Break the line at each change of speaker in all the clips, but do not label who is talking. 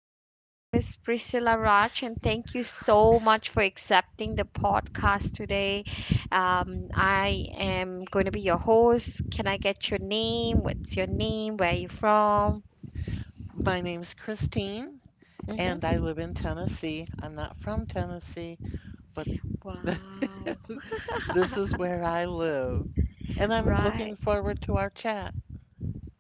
there. My name is Priscilla Raj, and thank you so much for accepting the podcast today. I am going to be your host. Can I get your name? What's your name? Where are you from?
My name's Christine, and
Hmm.
I live in Tennessee. I'm not from Tennessee, but
Wow.
this is where I live. And I'm
Right.
looking forward to our chat.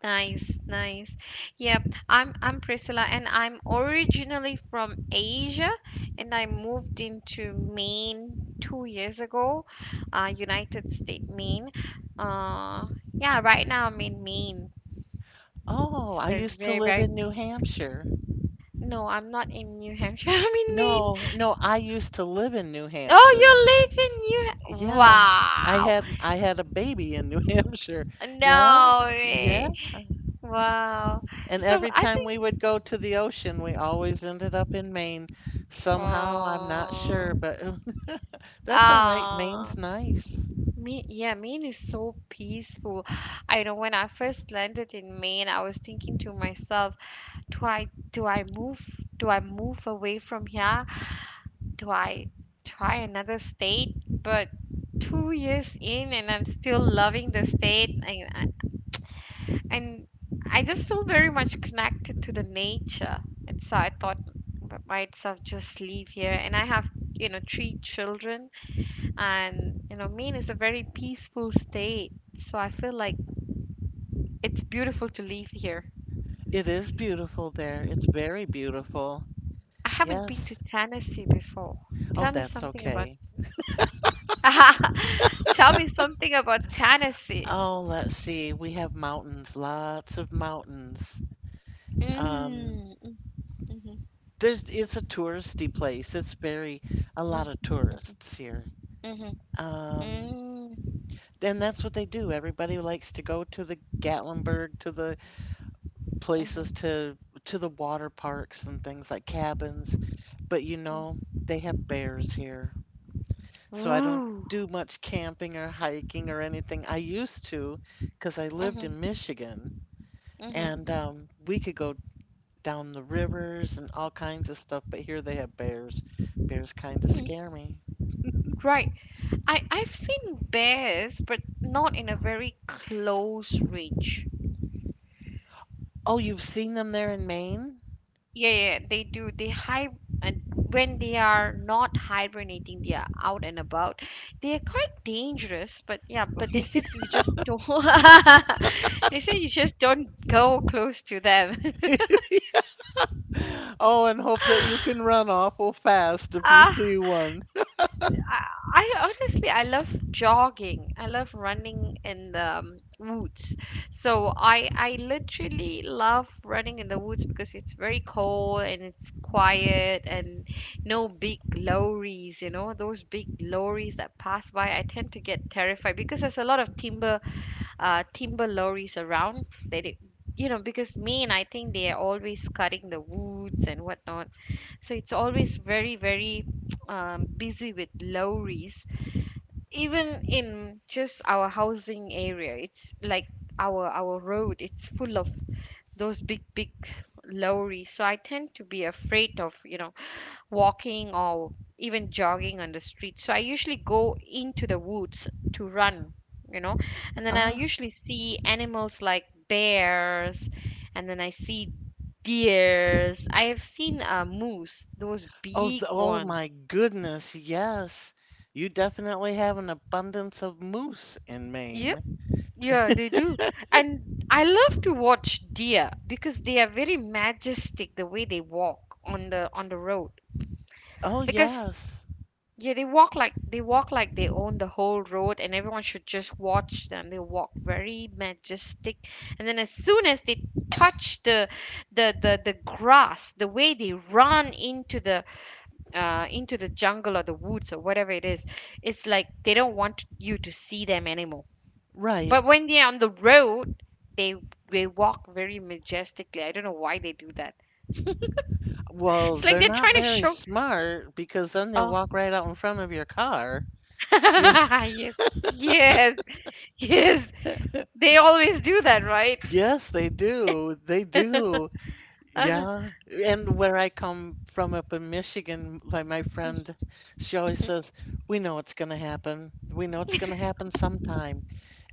Nice, nice. Yep, I'm Priscilla and I'm originally from Asia and I moved into Maine 2 years ago, United States, Maine. Uh, yeah, right now I'm in Maine.
Oh,
It's a
I
very,
used to
very,
live in New
very.
Hampshire.
No, I'm not in New Hampshire. I'm in Maine.
No, no, I used to live in New
Oh,
Hampshire.
you live in New.
Yeah, I
Wow.
had I had a baby in New Hampshire. Yeah,
No
yeah.
way. Wow.
And
So
every
I
time we would
think.
go to the ocean, we always ended up in Maine somehow. I'm not
Oh.
sure, but that's all right.
Oh.
Maine's nice.
Me, yeah, Maine is so peaceful. I know when I first landed in Maine, I was thinking to myself, do I do I move do I move away from here? Do I try another state? But 2 years in and I'm still loving the state and I just feel very much connected to the nature. And so I thought I might as well just leave here. And I have, three children. And Maine is a very peaceful state, so I feel like it's beautiful to live here.
It is beautiful there. It's very beautiful.
I haven't been to
Yes.
Tennessee before.
Oh,
Tell me
that's
something about
okay.
Tell me something about Tennessee.
Oh, let's see. We have mountains, lots of mountains. Um,
Mm, mm, mhm,
there's it's a touristy place. It's very a
mm,
lot of tourists here.
mhm, mhm,
Um,
mm,
and that's what they do. Everybody likes to go to the Gatlinburg, to the places
mhm,
to the water parks and things like cabins, but
mm.
they have bears here. So I don't
Ooh.
do much camping or hiking or anything. I used to because I lived
Mhm,
in Michigan
mhm,
and we could go down the rivers and all kinds of stuff, but here they have bears. Bears kind of scare
mm.
me.
Right. I've seen bears, but not in a very close range.
Oh, you've seen them there in Maine?
Yeah, yeah, they do. They hi and when they are not hibernating, they are out and about. They are quite dangerous, but yeah, but they said you just don't. They said you just don't go close to them.
Oh, and hope that you can run awful fast if you
Ah,
see one.
I, I honestly I love jogging. I love running in the woods. So I literally love running in the woods because it's very cold and it's quiet and no big lorries, those big lorries that pass by. I tend to get terrified because there's a lot of timber lorries around. They, did- you know, Because Maine, I think they are always cutting the woods and whatnot. So it's always very, very busy with lorries, even in just our housing area, it's like our road, it's full of those big big lorry. So I tend to be afraid of, walking or even jogging on the street. So I usually go into the woods to run, you know and then I
Ah,
usually see animals like bears, and then I see deers. I have seen a moose, those
Oh,
big
oh
one.
my goodness, yes. You definitely have an abundance of moose in
Yep.
Maine.
Yeah, they do. And I love to watch deer because they are very majestic the way they walk on the road.
Oh,
Like,
yes.
yeah, they walk like they own the whole road and everyone should just watch them. They walk very majestic. And then as soon as they touch the grass, the way they run into the jungle or the woods or whatever it is, it's like they don't want you to see them anymore,
Right.
but when they're on the road, they they walk very majestically. I don't know why they do that.
Well,
It's like
they're
they're
not
trying to
very
show.
smart because then they'll
Oh,
walk right out in front of your car. You
yes, yes, yes.
know?
They always do that, right?
Yes, they do. They do. Yeah, and where I come from up in Michigan, like my friend, she always says, "We know it's going to happen. We know it's going to happen sometime.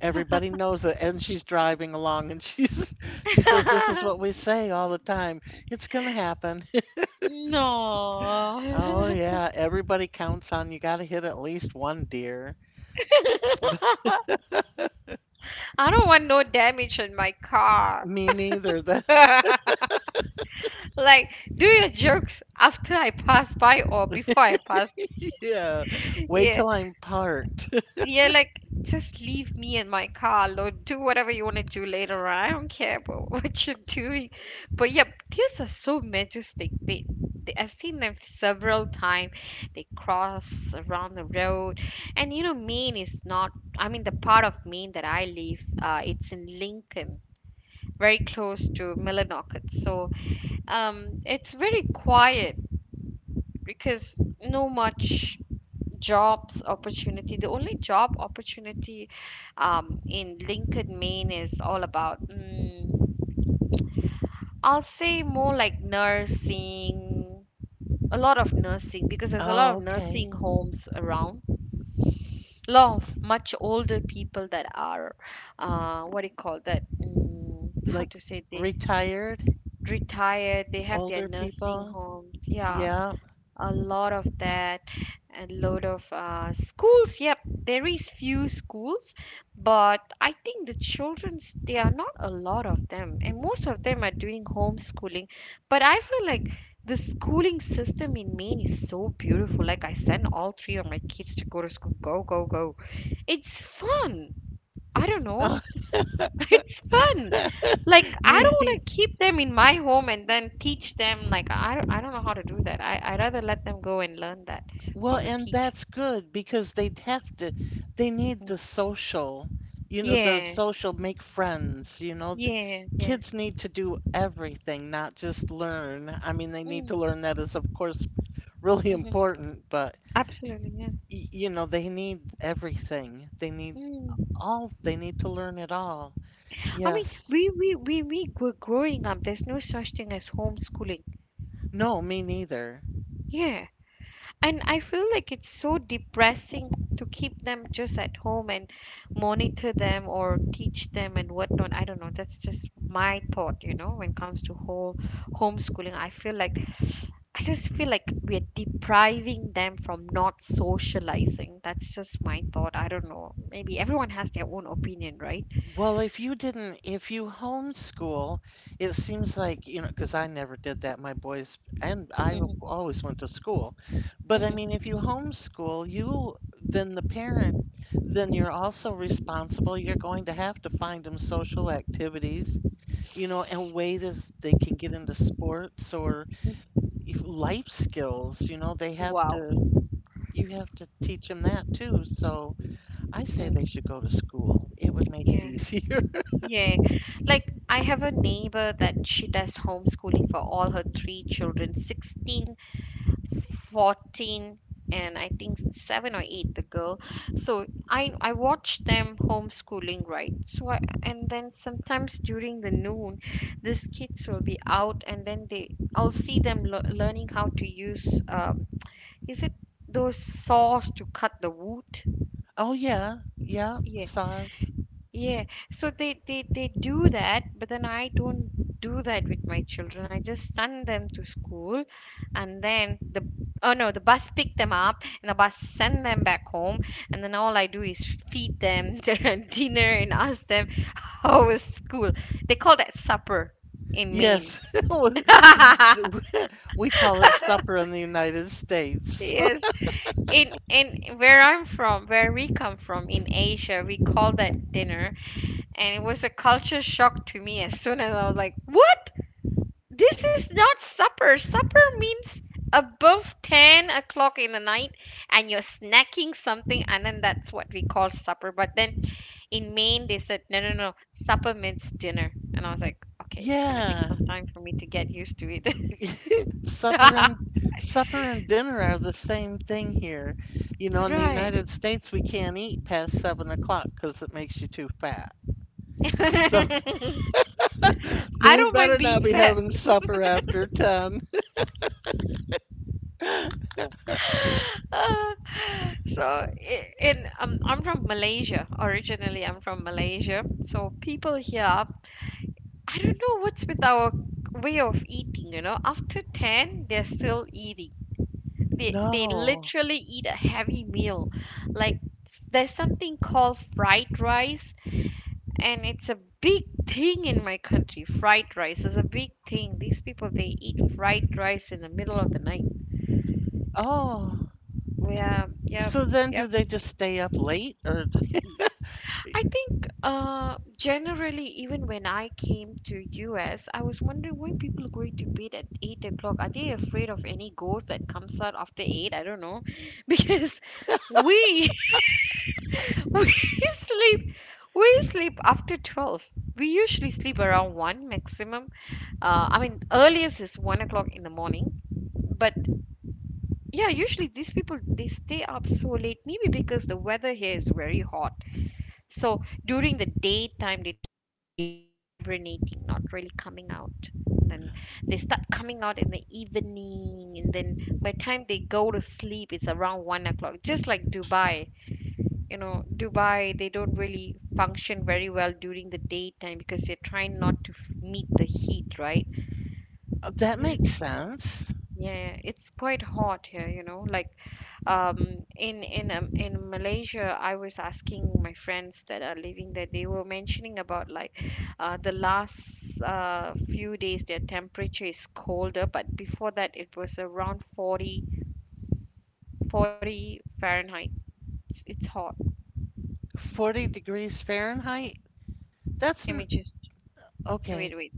Everybody knows it." And she's driving along, and she's she says, "This is what we say all the time. It's going to happen."
No.
Oh yeah, everybody counts on you got to hit at least one deer.
I don't want no damage on my car.
Me neither. That
Like, do your jokes after I pass by or before I pass.
yeah. Wait
Yeah.
till I'm parked.
You're like, just leave me in my car, Lord. Do whatever you want to do later on. I don't care about what you're doing. But yeah, deers are so majestic. They I've seen them several times. They cross around the road, and Maine is not. I mean, the part of Maine that I live, it's in Lincoln, very close to Millinocket. So, it's very quiet because no much jobs opportunity. The only job opportunity, in Lincoln, Maine is all about, I'll say more like nursing. A lot of nursing because there's a lot of
Oh, okay.
nursing homes around. A lot of much older people that are, what do you call that, how to
Like
say they
retired
retired. They have their
older
nursing
people.
homes. Yeah,
Yeah.
a lot of that. And load of schools. Yep. There is few schools, but I think the children's there are not a lot of them, and most of them are doing homeschooling. But I feel like the schooling system in Maine is so beautiful. Like, I send all three of my kids to go to school. Go, go, go. It's fun. I don't know.
Oh,
It's fun. Like, I
yeah.
don't want to keep them in my home and then teach them. Like, I don't know how to do that. I'd rather let them go and learn that
Well,
from the
and
teacher.
that's good because they need
Mm.
the social, you know, the
Yeah,
social make friends, you know.
yeah, yeah.
Kids need to do everything, not just learn. I mean, they need to
Mm,
learn that is, of course, really
hmm.
important, but
Absolutely. Yeah.
you know, they need everything.
Mm.
They need to learn it all.
I mean,
Yes.
we were growing up, there's no such thing as homeschooling.
No, me neither.
Yeah. And I feel like it's so depressing to keep them just at home and monitor them or teach them and whatnot. I don't know. That's just my thought, when it comes to whole homeschooling. I just feel like we're depriving them from not socializing. That's just my thought. I don't know. Maybe everyone has their own opinion, right?
Well, if you homeschool, it seems like, you know, because I never did that. My boys, and I
Hmm.
always went to school. But I mean,
Hmm.
if you homeschool, then the parent, then you're also responsible. You're going to have to find them social activities, you know, and ways they can get into sports or if life skills, you know, they have
Wow.
to you have to teach them that too. So I say they
Mm.
should go to school. It would make it
Yeah.
easier.
Yeah, like I have a neighbor that she does homeschooling for all her three children 16, 14, and I think seven or eight, the girl. So I watch them homeschooling, right? And then sometimes during the noon, these kids will be out, and then they I'll see them learning how to use is it those saws to cut the wood?
Oh yeah, yeah,
Yeah.
saws.
Yeah, so they do that, but then I don't do that with my children. I just send them to school, and then the oh no, the bus pick them up, and the bus send them back home, and then all I do is feed them their dinner and ask them how was school. They call that supper in Maine.
Yes, we call it supper in the United States.
Yes. In where I'm from, where we come from in Asia, we call that dinner, and it was a culture shock to me. As soon as I was like, "What? This is not supper. Supper means above 10 o'clock in the night and you're snacking something, and then that's what we call supper." But then in Maine, they said, no, no, no, supper means dinner. And I was like, okay, it's going to take
Yeah.
some time for me to get used to it.
Supper and supper and dinner are the same thing here. You know, in the
Right.
United States, we can't eat past 7 o'clock because it makes you too fat. So
I
we
don't mind
better not
being
be
fat.
having supper after 10.
Uh, so I- in I'm from Malaysia originally. I'm from Malaysia. So people here, I don't know what's with our way of eating. After 10, they're still eating. They
No.
literally eat a heavy meal. Like, there's something called fried rice, and it's a big thing in my country. Fried rice is a big thing. These people they eat fried rice in the middle of the night.
Oh.
Well, yeah, yeah,
So then do
yep.
they just stay up late or
I think generally, even when I came to US, I was wondering why people are going to bed at 8 o'clock. Are they afraid of any ghost that comes out after 8? I don't know, because we we sleep we sleep after 12. We usually sleep around one maximum. I mean, earliest is 1 o'clock in the morning. But yeah, usually these people they stay up so late. Maybe because the weather here is very hot. So during the daytime, they tend to be like hibernating, not really coming out. Then they start coming out in the evening, and then by the time they go to sleep, it's around 1 o'clock. Just like Dubai, they don't really function very well during the daytime because they're trying not to meet the heat, right?
oh, that makes sense.
Yeah, it's quite hot here, like um in Malaysia, I was asking my friends that are living there. They were mentioning about, like, the last few days their temperature is colder, but before that it was around forty Fahrenheit. It's hot.
40 degrees Fahrenheit? That's
Let me
n
just wait,
okay,
wait,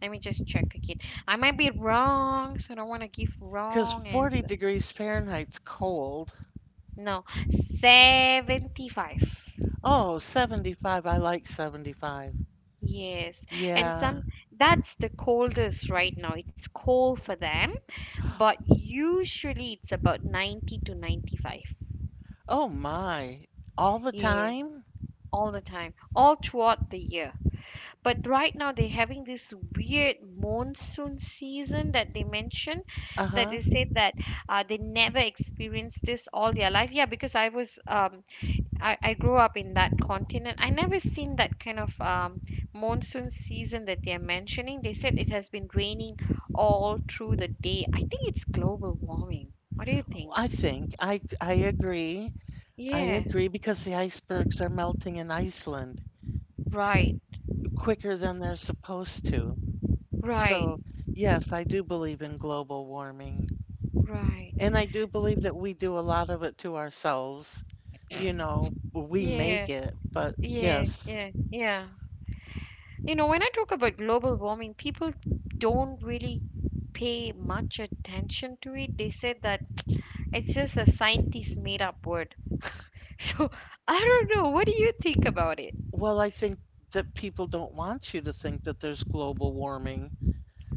let me just check again. I might be wrong, so I don't want to give
'cause
wrong
40
answer.
degrees Fahrenheit's cold.
No. 75.
Oh, 75. I like 75.
Yes. And
Yeah.
some, that's the coldest right now. It's cold for them, but usually it's about 90 to 95.
Oh my. All the
Yeah,
time?
all the time, all throughout the year. But right now they're having this weird monsoon season that they mentioned, that
Uh-huh.
they said that, they never experienced this all their life. Yeah, because I was I grew up in that continent. I never seen that kind of monsoon season that they're mentioning. They said it has been raining all through the day. I think it's global warming. What do you think?
I think I agree. I
Yeah,
agree because the icebergs are melting in Iceland
right,
quicker than they're supposed to.
right,
So, yes, I do believe in global warming.
right.
And I do believe that we do a lot of it to ourselves. You know, we make
Yeah,
it, but
yeah,
yes.
yeah, yeah. You know, when I talk about global warming, people don't really pay much attention to it. They said that it's just a scientist made up word. So I don't know. What do you think about it?
Well, I think that people don't want you to think that there's global warming.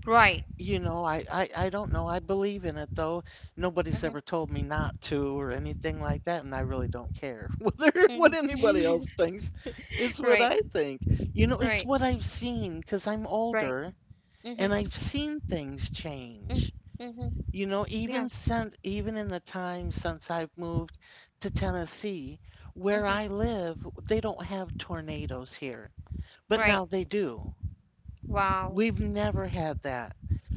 Right.
You know, I don't know. I believe in it though. Nobody's
Mhm,
ever told me not to or anything like that, and I really don't care whether what anybody
mhm.
else thinks. It's what
Right,
I think. You know, it's
right,
what I've seen because I'm
right.
older and
Mhm,
I've seen things
mm,
change.
mhm.
You know,
Yeah.
even in the time since I've moved to Tennessee, where
Mhm.
I live, they don't have tornadoes here, but
Right.
now they do.
Wow.
We've never had that.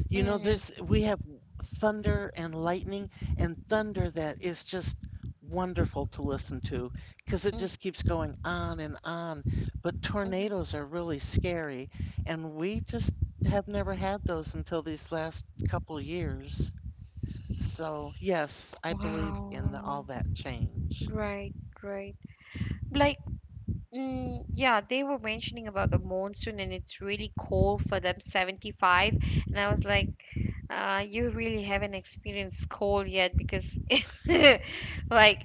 You know,
Mhm,
there's we have thunder and lightning and thunder that is just wonderful to listen to because it
mm,
just keeps going on and on. But
mhm.
tornadoes are really scary, and we just have never had those until these last couple years. So, yes, I believe in all
Wow.
that change.
Right, right. Like, mm, yeah, they were mentioning about the monsoon and it's really cold for them, 75, and I was like, you really haven't experienced cold yet because, like,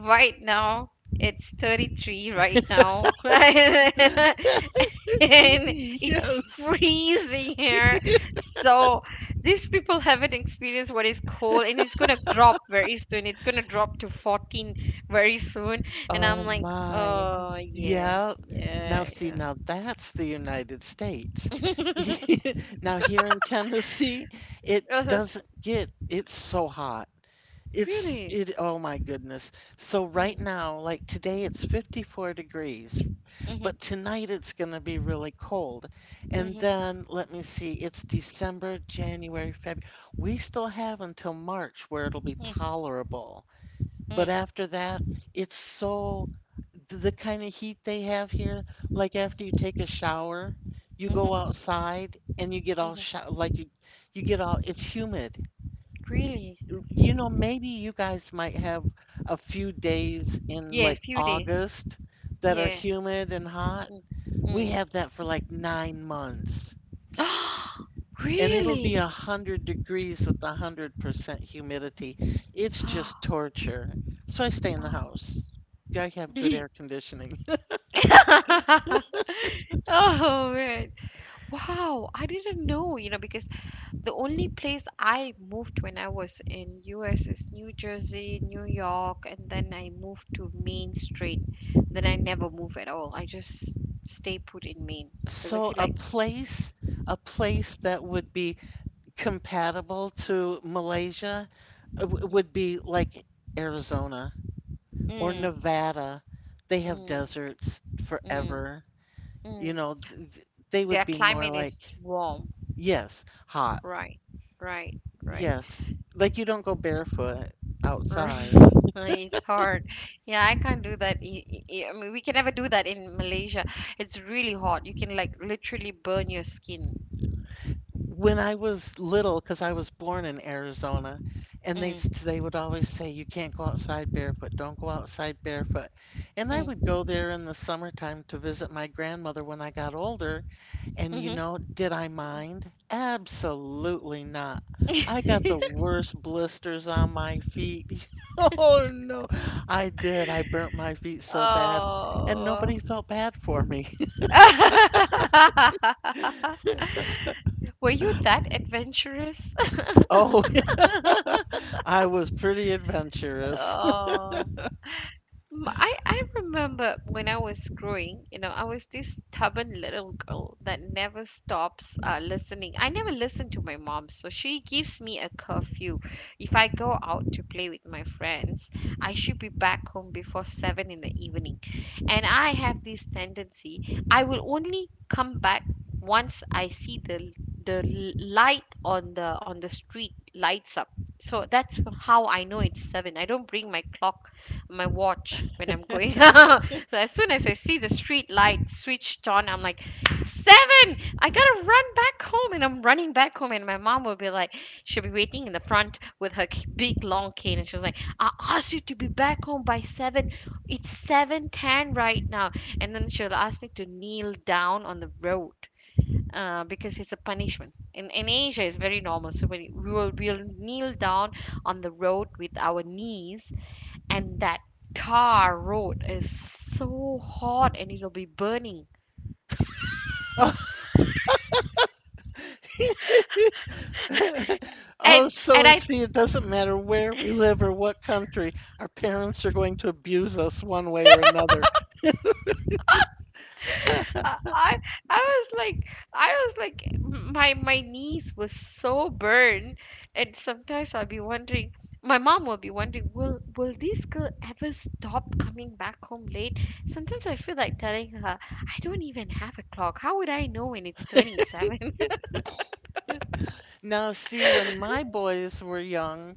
right now it's 33 right now, right? And it's
Yes.
freezing here. So these people haven't experienced what is cold, and it's gonna drop very soon. It's gonna drop to 14 very soon. And I'm
Oh
like,
my.
oh, yeah,
Yep. Now
yeah,
see,
yeah.
now that's the United States. Now here in Tennessee, it
Uh-huh.
doesn't get it's so hot. It's
Really?
it oh my goodness. So
Mm,
right now, like today it's 54 degrees,
mhm,
but tonight it's going to be really cold. And
mhm,
then let me see, it's December, January, February. We still have until March where it'll be
mm,
tolerable. But
mm,
after that, it's so the kind of heat they have here, like after you take a shower, you go
mhm,
outside and you get all
mhm.
sh like you get all it's humid.
Really?
You know, maybe you guys might have a few days in
Yeah,
like
few days.
August that are
Yeah.
humid and hot. We
Mm.
have that for like 9 months.
Mm.
And it'll be a
Really?
hundred degrees with 100% humidity. It's just torture. So I stay in the
Wow.
house. I have good
Ye-
air conditioning.
Oh man. Wow, I didn't know, you know, because the only place I moved when I was in US is New Jersey, New York, and then I moved to Main Street. Then I never move at all. I just stay put in Maine because I
So
feel like
a place that would be compatible to Malaysia
mm,
would be like Arizona or Nevada. They have
mm,
deserts
mm,
forever. You
mm.
know, they
Their
would be more
climate
like,
is warm.
yes, hot.
Right, right, right.
Yes. Like you don't go barefoot outside.
It's hard. Yeah, I can't do that. I mean, we can never do that in Malaysia. It's really hot. You can like literally burn your skin.
When I was little, because I was born in Arizona, and they
Mm,
they would always say, "You can't go outside barefoot. Don't go outside barefoot." And I would
mm,
go there in the summertime to visit my grandmother when I got older, and you
mhm.
know, did I mind? Absolutely not. I got
mm.
the worst blisters on my feet. Oh no, I did. I burnt my feet so bad, and
Oh.
nobody felt bad for me.
Were you that adventurous?
Oh, I was pretty adventurous.
Oh. M- I remember when I was growing, you know, I was this stubborn little girl that never stops listening. I never listen to my mom, so she gives me a curfew. If I go out to play with my friends, I should be back home before seven in the evening. And I have this tendency, I will only come back once I see the light on the street lights up. So that's how I know it's seven. I don't bring my clock my watch when I'm going so as soon as I see the street light switched on, I'm like, seven, I gotta run back home. And I'm running back home, and my mom will be like, she'll be waiting in the front with her big long cane, and she's like, I asked you to be back home by seven. It's 7:10 right now. And then she'll ask me to kneel down on the road. Because it's a punishment. In Asia, it's very normal. So when we'll kneel down on the road with our knees and that tar road is so hot and it'll be burning
Oh,
and
Oh,
and
so
I,
see, it doesn't matter where we live or what country, our parents are going to abuse us one way or another.
I i I was like, i was like my my knees were so burned, and sometimes I'll be wondering, my mom will be wondering, will this girl ever stop coming back home late. Sometimes I feel like telling her, I don't even have a clock, how would I know when it's turning 7?
Now, see, when my boys were young,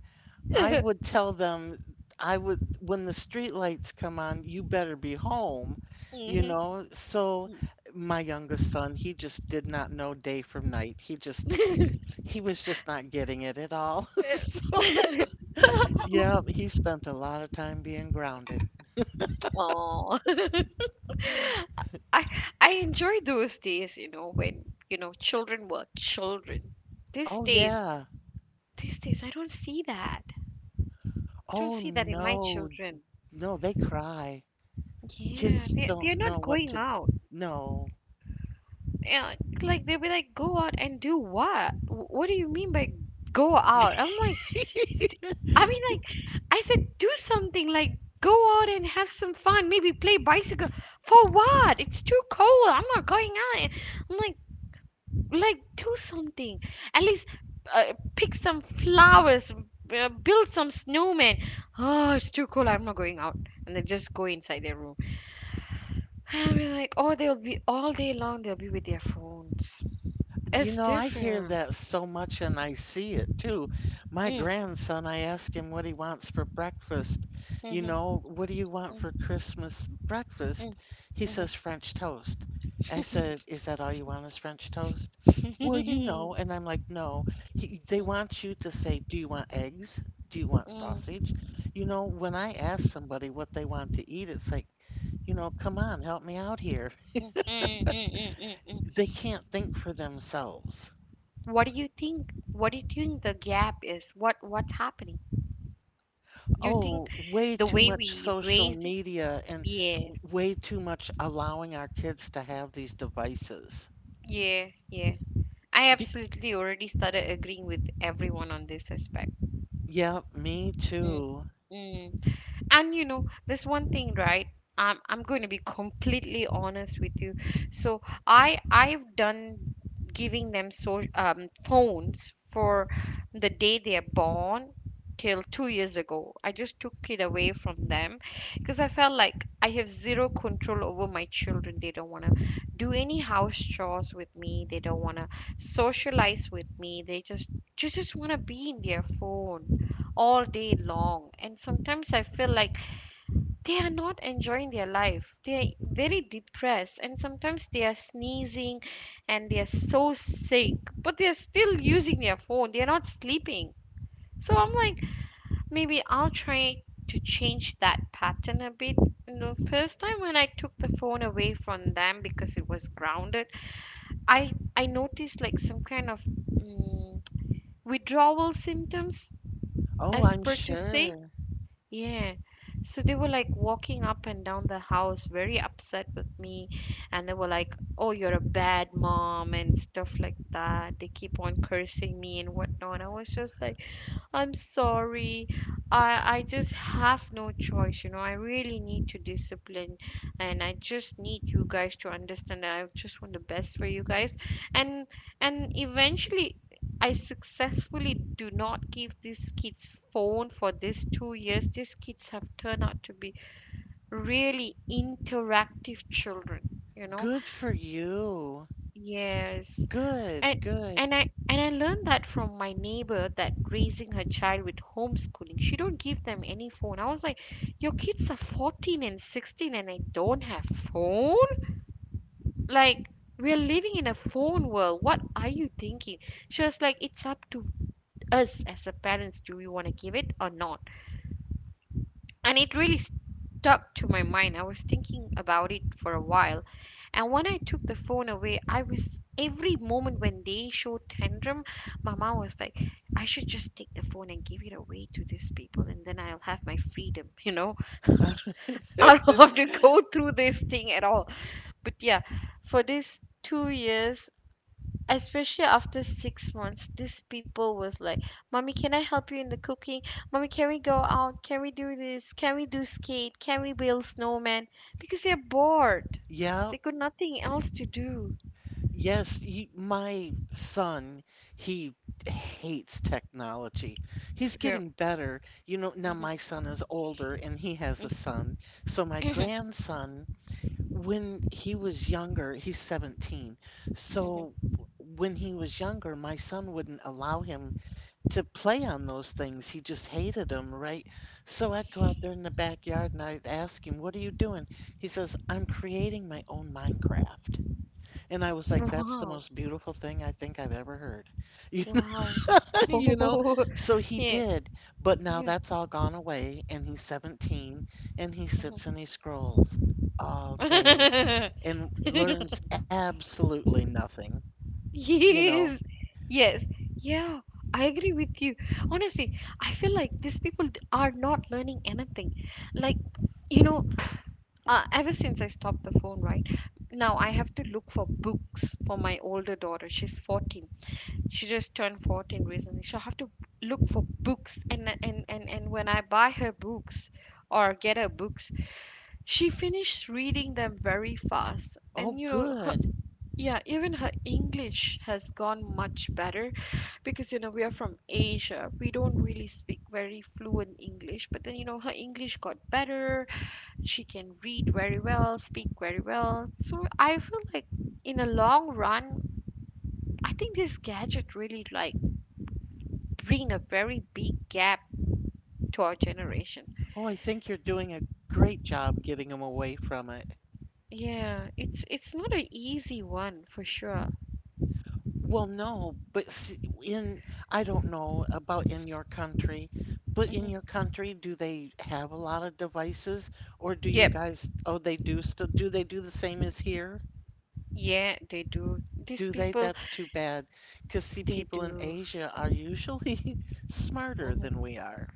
I would tell them, when the street lights come on, you better be home, you
Mhm.
know? So my youngest son, he just did not know day from night. He was just not getting it at all. So, yeah, he spent a lot of time being grounded.
Oh. I I enjoy those days, you know, when you know children were children. These
Oh,
days,
yeah.
these days, I don't see that. I don't
Oh,
see that in my
no.
children.
No, they cry.
Yeah,
Kids
they're
don't
not
know what
going
to,
out.
no.
Yeah, like they'll be like, go out and do what? What do you mean by go out? I'm like, I mean, like, I said, do something like go out and have some fun, maybe play bicycle. For what? It's too cold. I'm not going out. I'm like. Like, do something, at least, pick some flowers, build some snowman. Oh, it's too cold, I'm not going out. And they just go inside their room, and we're like, oh, they'll be all day long, they'll be with their phones.
You
It's
know, I hear
different.
that so much and I see it too. My
Mm,
grandson, I ask him what he wants for breakfast. You
mhm,
know, what do you want
mm,
for Christmas breakfast?
mm,
He
mhm.
says French toast. I said, is that all you want is French toast? Well, you know, and I'm like, no. They want you to say, do you want eggs? Do you want sausage? You know, when I ask somebody what they want to eat, it's like, you know, come on, help me out here.
Mm, mm, mm, mm, mm, mm, mm.
They can't think for themselves.
What do you think, the gap is, what's happening, do you think?
Oh, way
The
too
way
much
we
social
raise it.
media and
Yeah,
way too much allowing our kids to have these devices.
yeah, yeah. I
Be
absolutely already started agreeing with everyone on this aspect.
yeah, me
Mm,
too.
mm. And you know this one thing, right? I'm going to be completely honest with you. So I've done giving them so phones for the day they are born till 2 years ago. I just took it away from them because I felt like I have zero control over my children. They don't want to do any house chores with me, they don't want to socialize with me, they just want to be in their phone all day long. And sometimes I feel like they are not enjoying their life. They are very depressed, and sometimes they are sneezing and they are so sick, but they are still using their phone. They are not sleeping. So I'm like, maybe I'll try to change that pattern a bit. And the first time when I took the phone away from them because it was grounded, I noticed like some kind of withdrawal symptoms,
Oh,
as
I'm
per to say.
sure.
Yeah. So they were like walking up and down the house, very upset with me. And they were like, oh, you're a bad mom and stuff like that. They keep on cursing me and whatnot. I was just like, I'm sorry. I just have no choice, you know. I really need to discipline, and I just need you guys to understand that I just want the best for you guys. And and eventually I successfully do not give these kids phone for these 2 years. These kids have turned out to be really interactive children, you know.
Good for you.
Yes.
Good,
And
good.
and I and I learned that from my neighbor that raising her child with homeschooling, she don't give them any phone. I was like, your kids are 14 and 16 and I don't have phone? Like, we're living in a phone world. What are you thinking? She was like, it's up to us as a parents. Do we want to give it or not? And it really stuck to my mind. I was thinking about it for a while. And when I took the phone away, I was every moment when they showed tantrum, my mom was like, I should just take the phone and give it away to these people, and then I'll have my freedom, you know. I don't have to go through this thing at all. But yeah, for these 2 years, especially after 6 months, these people was like, Mommy, can I help you in the cooking? Mommy, can we go out? Can we do this? Can we do skate? Can we build snowman? Because they're bored. They
Yep.
got nothing else to do.
Yes, my son, he hates technology. He's
Yeah.
getting better. You know, now
Hmm,
my son is older and he has a
hmm,
son. So my
hmm.
grandson when he was younger, he's 17. So when he was younger, my son wouldn't allow him to play on those things. He just hated them, right? So I'd go out there in the backyard and I'd ask him, what are you doing? He says, I'm creating my own Minecraft. And I was like, that's the
Wow.
most beautiful thing I think I've ever heard. You know,
Wow.
you know? So he
Yeah.
did, but now
Yeah.
that's all gone away and he's 17 and he sits
Mhm.
and he scrolls all day and learns absolutely nothing. You know,
Yes. Yes. Yeah. I agree with you. Honestly, I feel like these people d- are not learning anything. Like, you know, ever since I stopped the phone, right? Now I have to look for books for my older daughter. She's 14. She just turned 14 recently. She'll have to look for books, and when I buy her books or get her books, she finished reading them very fast. And
oh,
you know her,
good.
yeah, even her English has gone much better because you know we are from Asia, we don't really speak very fluent English. But then you know her English got better. She can read very well, speak very well. So I feel like, in a long run, I think this gadget really like bring a very big gap to our generation.
Oh, I think you're doing a great job getting him away from it.
Yeah, it's not an easy one for sure.
Well, no, but in, I don't know about in your country, but in
Hmm.
your country, do they have a lot of devices or
Yep.
oh, they do still, do they do the same as here?
Yeah, they do. These
Do they?
people,
That's too bad. Because, see,
they
people in
do.
Asia are usually smarter
Mhm.
than we are.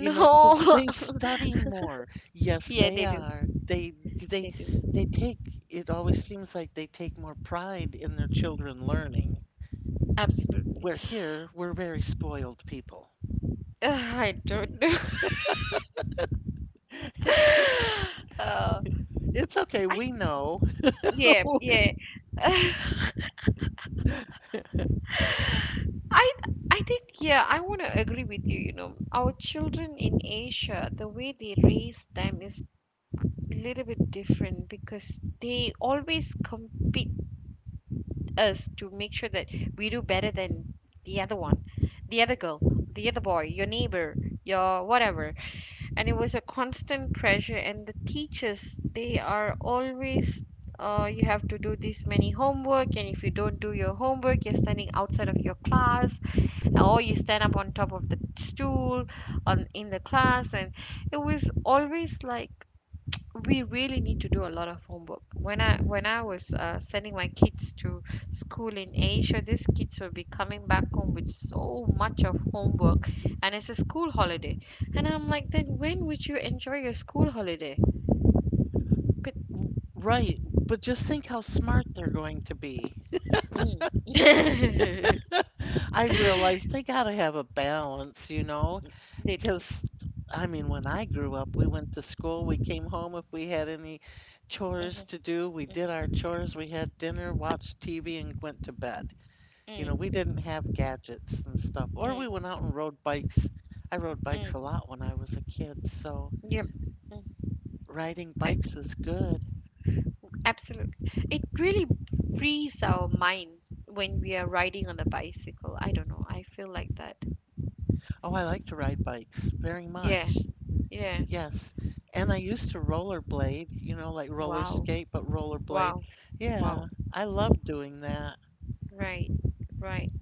You know, because they study more. Yes,
Yeah,
they
they do.
are. They
They do.
they take it always seems like they take more pride in their children learning.
Absolutely.
Where here, we're very spoiled people.
Ugh, I don't know. uh,
It's okay,
I
we know.
yeah, yeah. I I think, yeah, I want to agree with you. You know our children in Asia, the way they raise them is little bit different because they always compete us to make sure that we do better than the other one, the other girl, the other boy, your neighbor, your whatever. And it was a constant pressure. And the teachers, they are always. You have to do this many homework, and if you don't do your homework, you're standing outside of your class, or you stand up on top of the stool, on in the class, and it was always like we really need to do a lot of homework. When I was sending my kids to school in Asia, these kids will be coming back home with so much of homework, and it's a school holiday. And I'm like, then when would you enjoy your school holiday? But
Right, but just think how smart they're going to be.
mm.
I realize they got to have a balance, you know?
They do.
Because, I mean, when I grew up, we went to school, we came home. If we had any chores
Mhm,
to do, we
mm,
did our chores, we had dinner, watched TV, and went to bed. You know, we
mm,
didn't have gadgets and stuff, or we went
mm,
out and rode bikes. I rode bikes a
mm.
lot when I was a kid, so
Yep. Mm.
riding
I,
bikes is good.
absolutely. It really frees our mind when we are riding on the bicycle. I don't know. I feel like that.
Oh, I like to ride bikes very
Yeah.
much.
Yeah.
Yes. And I used to rollerblade, you know, like roller
Wow,
skate, but rollerblade.
wow,
Yeah,
wow.
I love doing that.
Right, right.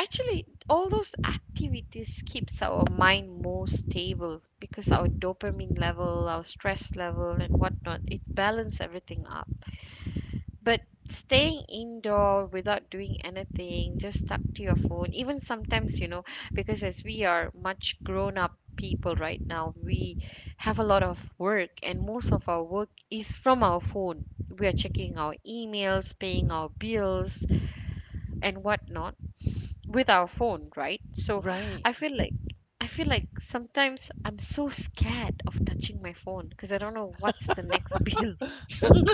Actually, all those activities keeps our mind more stable because our dopamine level, our stress level, and whatnot, it balance everything up. But staying indoor without doing anything, just stuck to your phone, even sometimes, because as we are much grown up people right now, we have a lot of work, and most of our work is from our phone. We are checking our emails, paying our bills, and whatnot with our phone, right? So
Right.
I feel like I feel like sometimes I'm so scared of touching my phone because I don't know what's the next bill.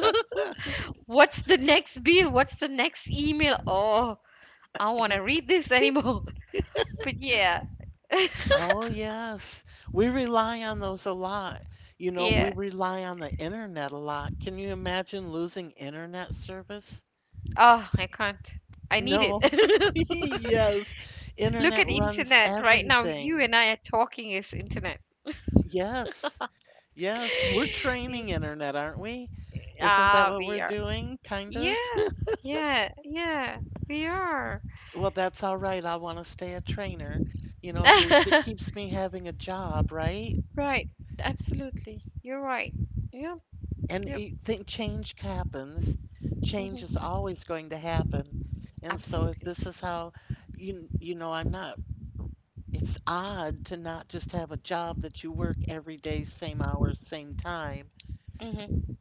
What's the next bill? What's the next email? Oh, I don't want to read this anymore. But yeah.
Oh, yes. We rely on those a lot. You know, we
Yeah.
rely on the internet a lot. Can you imagine losing internet service?
Oh, I can't. I need it.
No. Yes.
Look
Internet
at
runs
internet right now. You
everything.
and I are talking is internet.
Yes. Yes. We're training internet, aren't we? Isn't that
Ah,
what
we
we're
are.
doing? Kind of.
Yeah, yeah, yeah, we are.
Well, that's all right. I want to stay a trainer. You know, at least it keeps me having a job, right?
Right, absolutely. You're right. Yep,
And
yep.
you think change happens. Change is
Hmm.
always going to happen. And so if
Absolutely.
this is how you, I'm not, it's odd to not just have a job that you work every day, same hours, same time.
Hmm.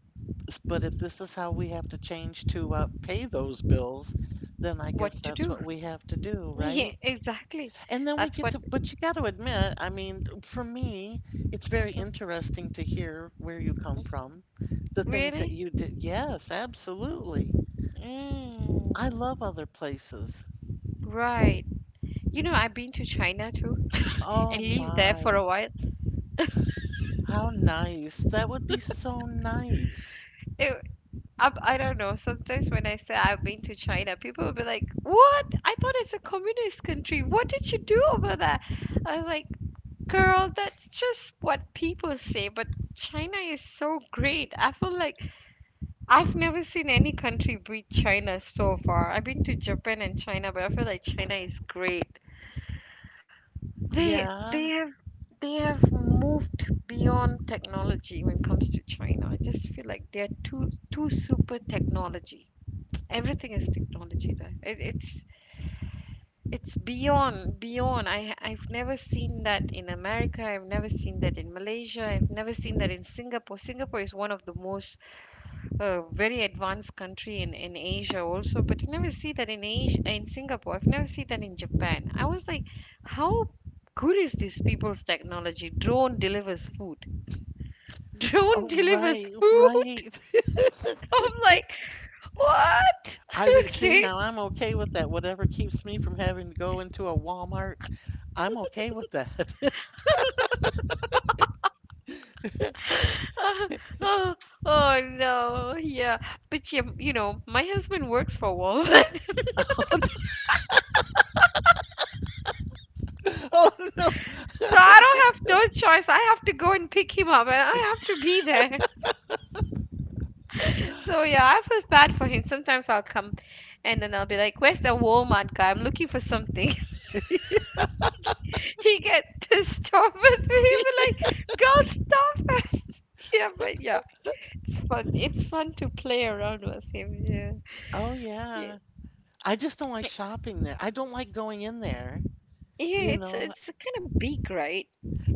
But if this is how we have to change to pay those bills, then I guess
What to
that's
do?
what we have to do,
Yeah,
right?
exactly.
And then we
That's
get
what.
to, but you got to admit, I mean, for me, it's very
Mhm,
interesting to hear where you come
mhm.
from, the things that
Really?
you did. Yes, absolutely.
Mm,
I love other places.
right. You know, I've been to China too
Oh
and lived there for
my,
a while.
how nice. That would be so nice.
It, I don't know. Sometimes when I say I've been to China, people will be like, "What? I thought it's a communist country. What did you do over there?" I was like, "Girl, that's just what people say, but China is so great. I feel like I've never seen any country beat China so far. I've been to Japan and China, but I feel like China is great. They
Yeah.
they have they have moved beyond technology when it comes to China. I just feel like they're too super technology. Everything is technology there. It's beyond beyond. I've never seen that in America. I've never seen that in Malaysia. I've never seen that in Singapore. Singapore is one of the most a very advanced country in Asia also, but you never see that in Asia, in Singapore. I've never seen that in Japan. I was like, how good is these people's technology? Drone delivers food. Drone
Oh,
delivers
right,
food.
right.
I'm like, what?
I would see
Okay.
now I'm okay with that. Whatever keeps me from having to go into a Walmart, I'm okay with that.
Oh, oh no, yeah. But yeah, my husband works for Walmart, so
Oh no.
I don't have no choice. I have to go and pick him up, and I have to be there. So yeah, I felt bad for him. Sometimes I'll come and then I'll be like, "Where's the Walmart guy? I'm looking for something." He get pissed off at me. He'll be like, "Girl, stop it." Yeah, but yeah. It's fun. It's fun to play around with him. Yeah.
Oh
Yeah.
yeah. I just don't like shopping there. I don't like going in there, you
Yeah, it's
know?
it's kind of big, right?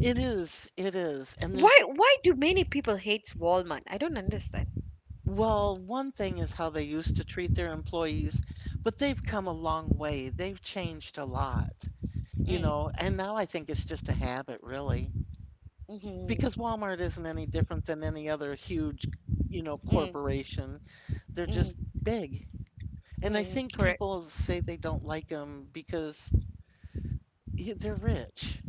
It is, it is. And
Why
there's,
why do many people hate Walmart? I don't understand.
well, one thing is how they used to treat their employees, but they've come a long way. They've changed a lot, you know?
Mm,
And now I think it's just a habit, really,
mhm,
because Walmart isn't any different than any other huge,
mm,
corporation. They're
mm,
just big. And I
mm,
think
correct.
people say they don't like them because they're rich.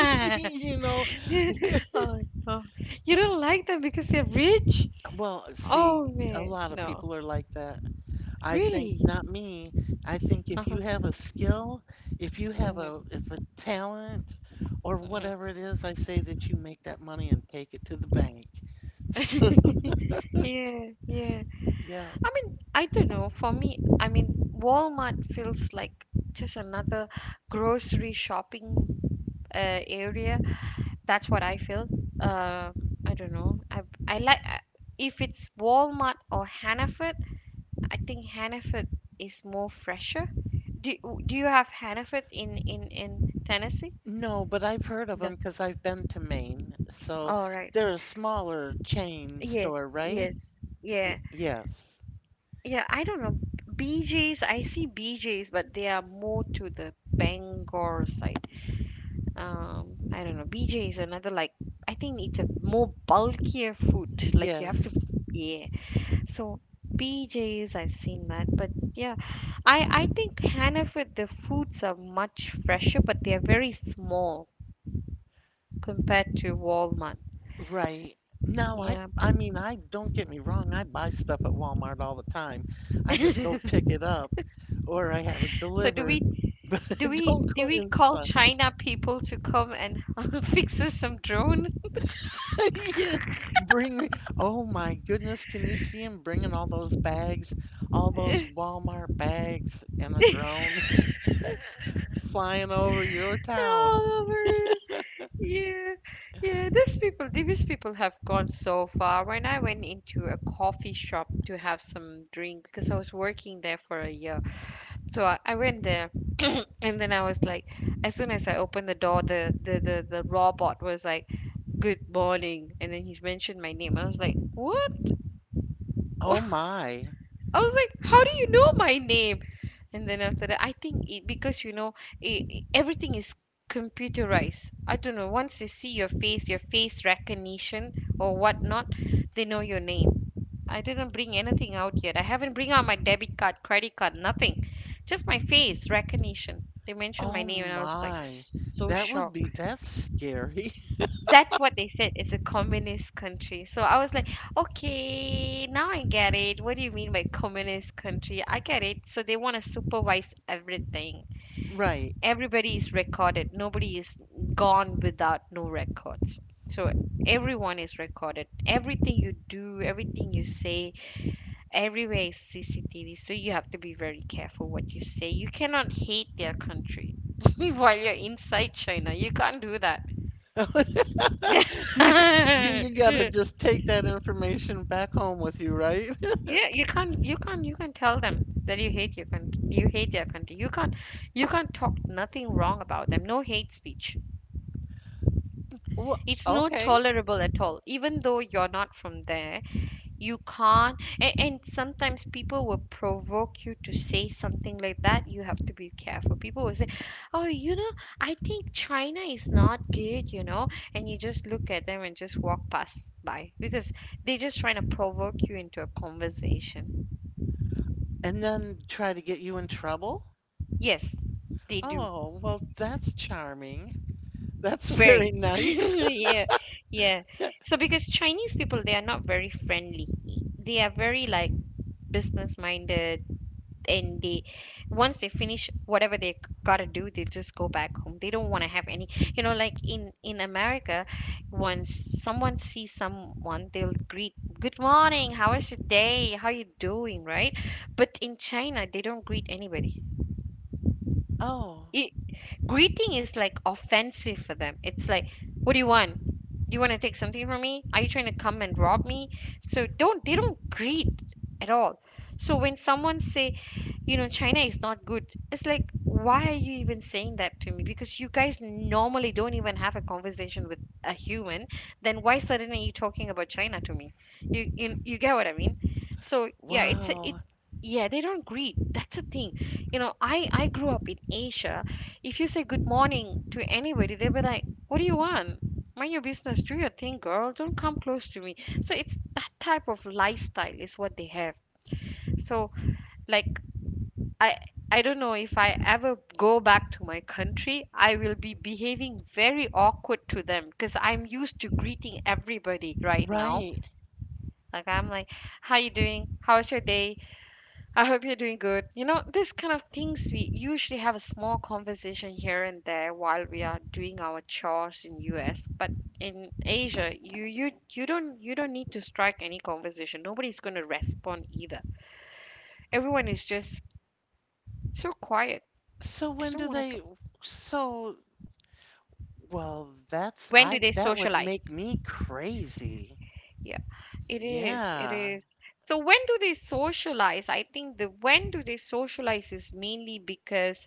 You know,
Oh, oh, you don't like them because they're rich?
Well,
Oh
see, a
man,
lot of
no,
people are like that. I think
really?
not me. I think if
Uh-huh.
you have a skill,
Hmm.
if a talent or whatever it is, I say that you make that money and take it to the bank. So,
Yeah, yeah.
yeah.
I mean, I don't know. For me, I mean, Walmart feels like just another grocery shopping area. That's what I feel. Uh, I don't know. I like if it's Walmart or Hannaford. I think Hannaford is more fresher. Do do you have Hannaford in Tennessee?
No, but I've heard of
No.
them because I've been to Maine. So
All right.
they're a smaller
Right.
chain
Yes,
store, right?
yes. Yeah.
Y yes.
Yeah, I don't know. BJ's, I see BJ's, but they are more to the Bangor side. I don't know. BJ is another like I think it's a more bulkier food. Like you have to.
Yes.
Yeah. So PJs, I've seen that, but yeah, I think Hannaford the foods are much fresher, but they are very small compared to Walmart.
Right. No, I
Yeah.
I mean I don't get me wrong, I buy stuff at Walmart all the time. I just go pick it up or I have it
So do we
delivered, but I
do we
don't
do
go
we call
inside.
China people to come and fix us some drone?
Yeah, bring me. Oh my goodness, can you see him bringing all those bags, all those Walmart bags and a drone flying over your town?
Oh, yeah, yeah, these people have gone so far. When I went into a coffee shop to have some drink, because I was working there for a year, so I went there, and then I was like, as soon as I opened the door, the robot was like, "Good morning," and then he's mentioned my name. I was like, "What?"
Oh my.
I was like, how do you know my name? And then after that, I think it because everything is computerized. I don't know. Once they see your face recognition or whatnot, they know your name. I didn't bring anything out yet. I haven't bring out my debit card, credit card, nothing. Just my face recognition. They mentioned my
Oh
name, and I was like
my.
so
That would
shocked.
be That's scary.
That's what they said. It's a communist country. So I was like, okay, now I get it. What do you mean by communist country? I get it. So they want to supervise everything.
Right.
Everybody is recorded. Nobody is gone without no records. So everyone is recorded. Everything you do, everything you say. Everywhere is CCTV. So you have to be very careful what you say. You cannot hate their country while you're inside China. You can't do that.
You, you gotta just take that information back home with you, right?
Yeah, you can't tell them that you hate your country, you hate their country. You can't talk nothing wrong about them. No hate speech.
Well,
It's not
okay.
tolerable at all. Even though you're not from there, you can't, and sometimes people will provoke you to say something like that. You have to be careful. People will say, "Oh, you know, I think China is not good, you know," and you just look at them and just walk past by because they're just trying to provoke you into a conversation.
And then try to get you in trouble?
Yes, they do.
Oh, well, that's charming. That's
Very.
very nice.
Yeah. Yeah. So because Chinese people, they are not very friendly. They are very like business minded, and they once they finish whatever they got to do, they just go back home. They don't want to have any, like in America, once someone sees someone, they'll greet, "Good morning. How is your day? How you doing?" Right? But in China, they don't greet anybody.
Oh,
Greeting is like offensive for them. It's like, what do you want? Do you want to take something from me? Are you trying to come and rob me? So don't they don't greet at all. So when someone say, you know, China is not good. It's like, why are you even saying that to me? Because you guys normally don't even have a conversation with a human. Then why suddenly are you talking about China to me? You get what I mean? So yeah, it's a, it.
wow.
Yeah, they don't greet. That's the thing. You know, I grew up in Asia. If you say good morning to anybody, they'll be like, "What do you want? Mind your business. Do your thing, girl. Don't come close to me." So it's that type of lifestyle is what they have. So like, I I don't know if I ever go back to my country, I will be behaving very awkward to them because I'm used to greeting everybody right now.
Right.
Like, I'm like, how you doing? How's your day? I hope you're doing good. You know, this kind of things we usually have a small conversation here and there while we are doing our chores in US, but in Asia, you don't need to strike any conversation. Nobody's going to respond either. Everyone is just so quiet.
So
They
when
don't
do
want to.
they? so well, that's,
When do
I,
they
that would
socialize?
make me crazy.
Yeah, it is. It
Yeah.
is. So when do they socialize? I think the when do they socialize is mainly because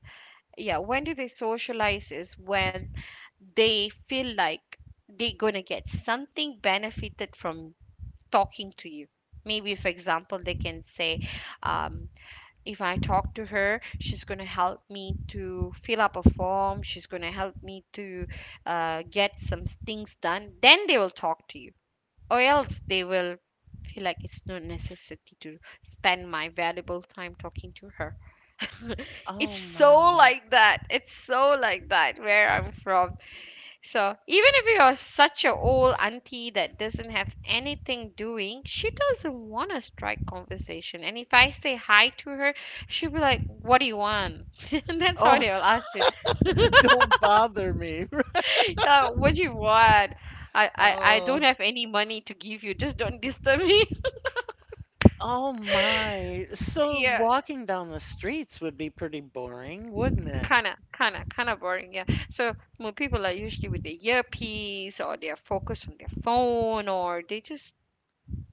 yeah, when do they socialize is when they feel like they're gonna get something benefited from talking to you. Maybe, for example, they can say, um, if I talk to her, she's gonna help me to fill up a form. She's gonna help me to get some things done. Then they will talk to you, or else they will feel like it's no necessity to spend my valuable time talking to her. It's
Oh
so
my.
like that. It's so like that where I'm from. So even if you're such a old auntie that doesn't have anything doing, she doesn't want to strike conversation. And if I say hi to her, she'll be like, what do you want? And that's how
Oh,
they'll ask you.
don't bother me.
What do you want? I don't
Oh,
have any money to give you. Just don't disturb me.
oh my. So
Yeah,
walking down the streets would be pretty boring, wouldn't it?
kinda, kinda, kinda boring. Yeah. So more people are usually with their earpiece or they're focused on their phone or they just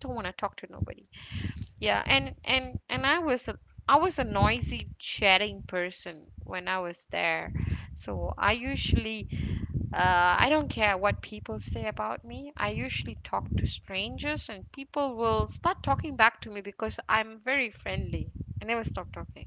don't want to talk to nobody. Yeah, and I was a noisy chatting person when I was there, so I don't care what people say about me. I usually talk to strangers, and people will start talking back to me because I'm very friendly. I never stop talking.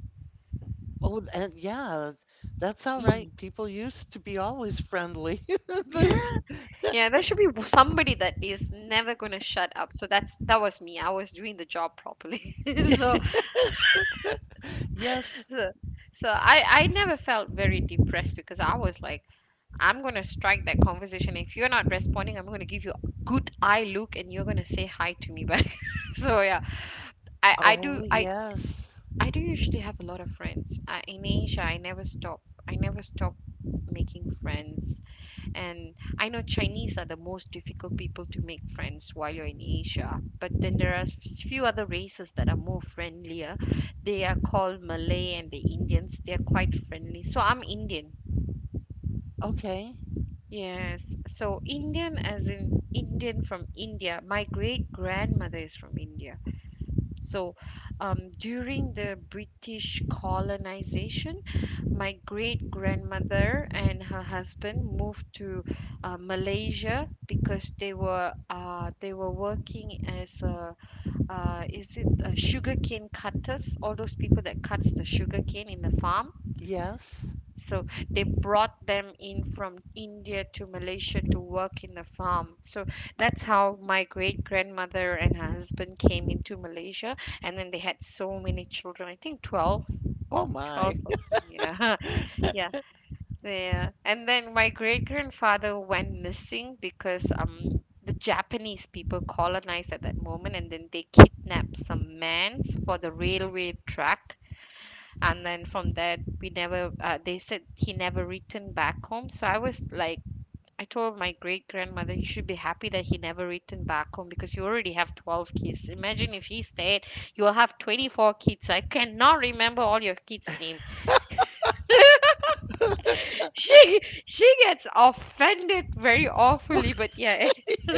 Oh, and yeah, that's all
Mm.
right. People used to be always friendly. The-
Yeah, there should be somebody that is never gonna shut up. So that was me. I was doing the job properly. so,
Yeah. Yes.
so so I never felt very depressed because I was like, I'm gonna strike that conversation. If you're not responding, I'm gonna give you a good eye look and you're gonna say hi to me back. So yeah, I I
Oh,
do I
yes.
I do usually have a lot of friends. In Asia, I never stop. I never stop making friends. And I know Chinese are the most difficult people to make friends while you're in Asia. But then there are few other races that are more friendlier. They are called Malay and the Indians. They are quite friendly. So I'm Indian.
Okay.
Yes. So Indian as in Indian from India. My great grandmother is from India. So during the British colonization, my great grandmother and her husband moved to Malaysia because they were working as a is it a sugarcane cutters? All those people that cuts the sugarcane in the farm.
Yes.
So they brought them in from India to Malaysia to work in the farm. So that's how my great grandmother and her husband came into Malaysia, and then they had so many children. I think twelve
Oh my.
twelve of them. Yeah, yeah. Yeah. And then my great grandfather went missing because the Japanese people colonized at that moment and then they kidnapped some mans for the railway track. And then from that, we never, they said he never returned back home. So I was like, I told my great grandmother, you should be happy that he never returned back home because you already have 12 kids. Imagine if he stayed, you will have 24 kids. I cannot remember all your kids' name. She she gets offended very
Wha-
awfully, but yeah.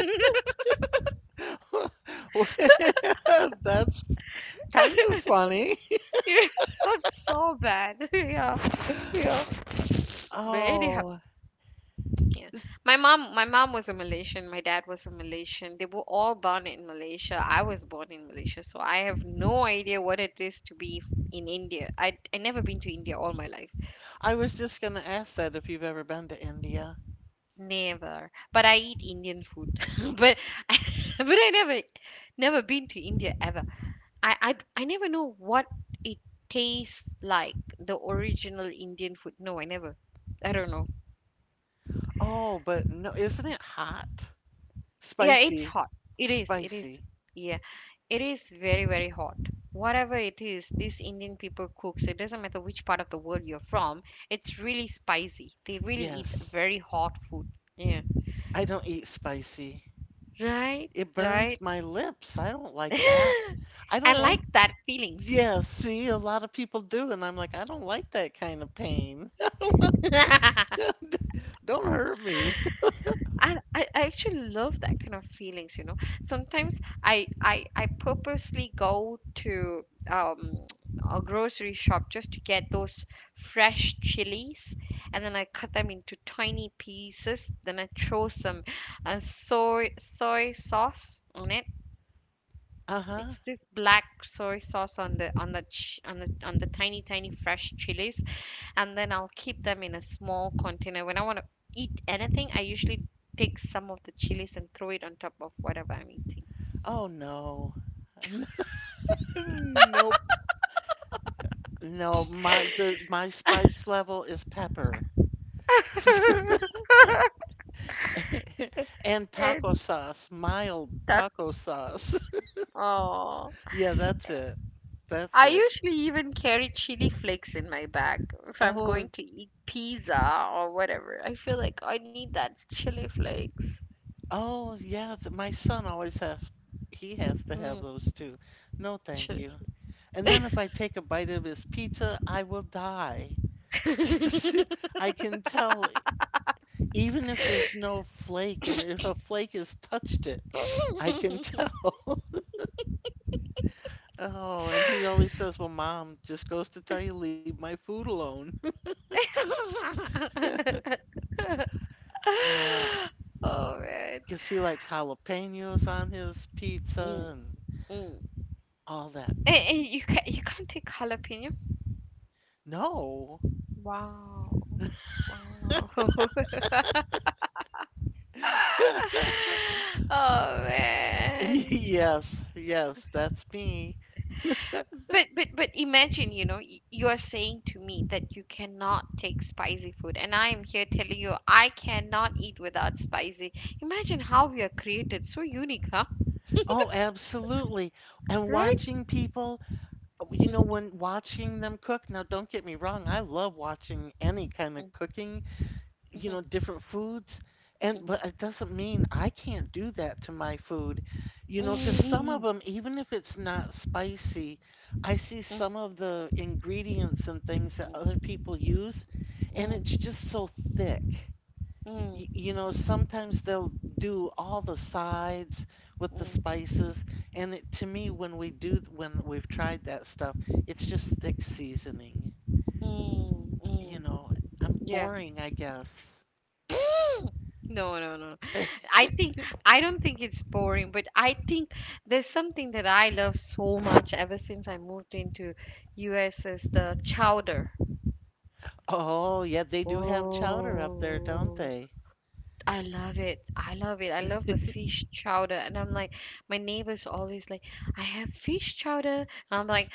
That's kind of funny.
Yeah, that's so bad. Yeah. Yeah. But anyhow,
Oh,
yeah.
s-
My mom was a Malaysian, my dad was a Malaysian. They were all born in Malaysia. I was born in Malaysia, so I have no idea what it is to be in India. I never been to India all my life.
I was just going to ask that if you've ever been to India.
Never. But I eat Indian food. But but I never never been to India ever. I never know what it tastes like. The original Indian food. No, I never. I don't know.
Oh, but no, isn't it hot?
Yeah, it's
Spicy.
hot. It is. It is.
Spicy.
Yeah, it is very hot. Whatever it is, these Indian people cooks. It doesn't matter which part of the world you're from. It's really spicy. They really eat
Yes.
very hot food. Yeah.
I don't eat spicy.
Right.
It
Right.
burns my lips. I don't like that. I
I
don't like,
like that feelings.
yeah, see, a lot of people do, and I'm like, I don't like that kind of pain. Don't hurt me.
And I actually love that kind of feelings, sometimes I purposely go to um a grocery shop just to get those fresh chilies, and then I cut them into tiny pieces, then I throw some soy sauce on it.
Uh-huh.
It's this black soy sauce on the ch on the tiny tiny fresh chilies, and then I'll keep them in a small container. When I want to eat anything, I usually take some of the chilies and throw it on top of whatever I'm eating.
Oh no. Nope. No, my the my spice level is pepper. And taco
And
sauce, mild
that
taco sauce.
Oh,
Yeah, that's it. That's
I
it.
usually even carry chili flakes in my bag if I'm
Oh,
going to eat pizza or whatever. I feel like I need that chili flakes.
oh, yeah. Th my son always has, he has to have
Mm,
those too. No, thank
chili.
you. And then if I take a bite of his pizza, I will die. 'Cause
All
I can tell, even if there's no flake, and if a flake has touched it, I can tell. Oh, and he always says, "Well, mom just goes to tell you, leave my food alone." Yeah,
right.
because he likes jalapenos on his
Mm,
pizza, and
mm. And,
all that.
and
Y-
you can you can't take jalapeno?
No.
Wow. Wow. Wow. Oh man.
Yes, yes, that's me.
But imagine, you are saying to me that you cannot take spicy food, and I am here telling you I cannot eat without spicy. Imagine how we are created, so unique, huh?
Oh, absolutely. And
Right?
watching people, when watching them cook, now don't get me wrong, I love watching any kind of cooking, different foods. And but it doesn't mean I can't do that to my food, because some of them, even if it's not spicy, I see some of the ingredients and things that other people use, and it's just so thick. Sometimes they'll do all the sides with the spices, and it, to me, when we've tried that stuff, it's just thick seasoning. You know, I'm
Yeah.
boring, I guess.
No, no, no. I think I don't think it's boring, but I think there's something that I love so much ever since I moved into US is the chowder.
Oh, yeah, they do have chowder up there, don't
Oh,
they?
I love it. I love it. I love the fish chowder. And I'm like, my neighbor's always like, I have fish chowder. And I'm like,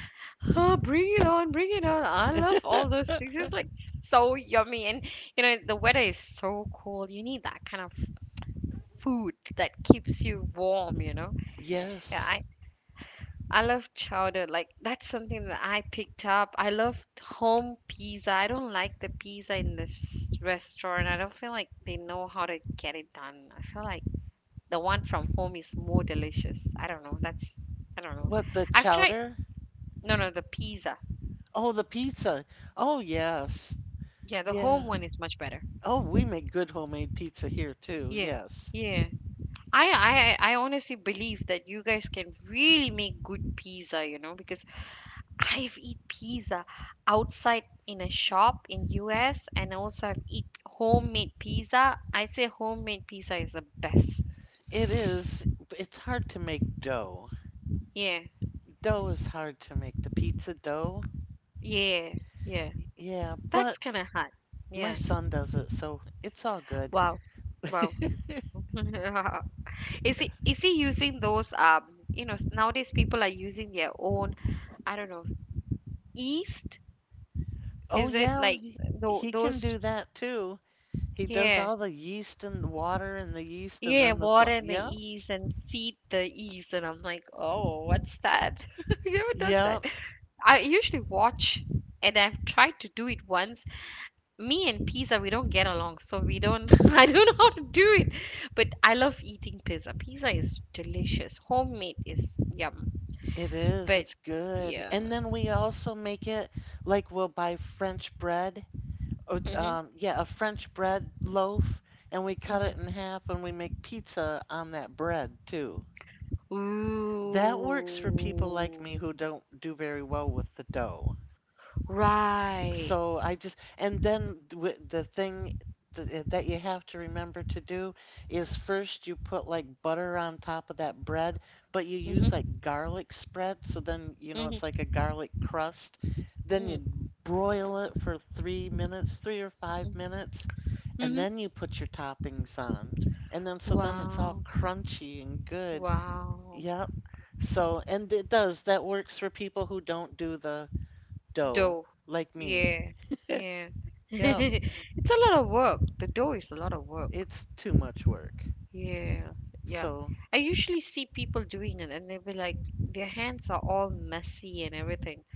oh, bring it on, bring it on. I love all those things. It's like so yummy. And you know, the weather is so cold. You need that kind of food that keeps you warm, you know? Yeah,
Yes.
I love chowder. Like that's something that I picked up. I love home pizza. I don't like the pizza in this restaurant. I don't feel like they know how to get it done. I feel like the one from home is more delicious. I don't know. That's I don't know.
What, the
I've tried
chowder?
no no the pizza.
Oh, the pizza. Oh, yes.
Yeah, the
Yeah.
home one is much better.
Oh, we make good homemade pizza here too.
Yeah.
Yes.
Yeah. I honestly believe that you guys can really make good pizza, you know, because I've eat pizza outside in a shop in US, and also I've eat homemade pizza. I say homemade pizza is the best.
It is, it's hard to make dough.
Yeah.
Dough is hard to make. The pizza dough?
Yeah. Yeah.
Yeah,
That's
but
kind of hard.
my
Yeah.
son does it, so it's all good.
Wow. Wow. Is he using those you know, nowadays people are using their own, I don't know, yeast.
Oh,
Is it
yeah,
like
he he can
those?
do that too. He does
Yeah.
all the yeast and the water and the yeast and
Yeah,
then the flour.
water in my
Yep,
ears and feed the ears, and I'm like, oh, what's that? I've never done
yep,
that. I usually watch, and I've tried to do it once. Me and pizza, we don't get along, so we don't. I don't know how to do it, but I love eating pizza. Pizza is delicious. Homemade is yum.
it is.
But
It's good.
yeah.
And then we also make it like we'll buy French bread or
Mhm.
yeah, a French bread loaf and we cut it in
Mhm.
half and we make pizza on that bread too. That works for people like me
Ooh.
who don't do very well with the dough.
Right.
So I just, and then the thing that you have to remember to do is first you put like butter on top of that bread, but you use
Mhm.
like garlic spread. So then, it's like
Mhm.
a garlic crust. Then you
Mhm.
broil it for 3 minutes, 3 or 5 minutes, and
Mhm.
then you put your toppings on. And then, so then it's all
Wow.
crunchy and good.
Wow.
Yep. So, and it does, that works for people who don't do the dough,
Dough.
like me.
Yeah. Yeah.
Yep.
It's a lot of work. The dough is a lot of work.
It's too much work.
Yeah. Yeah.
So,
I usually see people doing it and they'll be like, their hands are all messy and everything.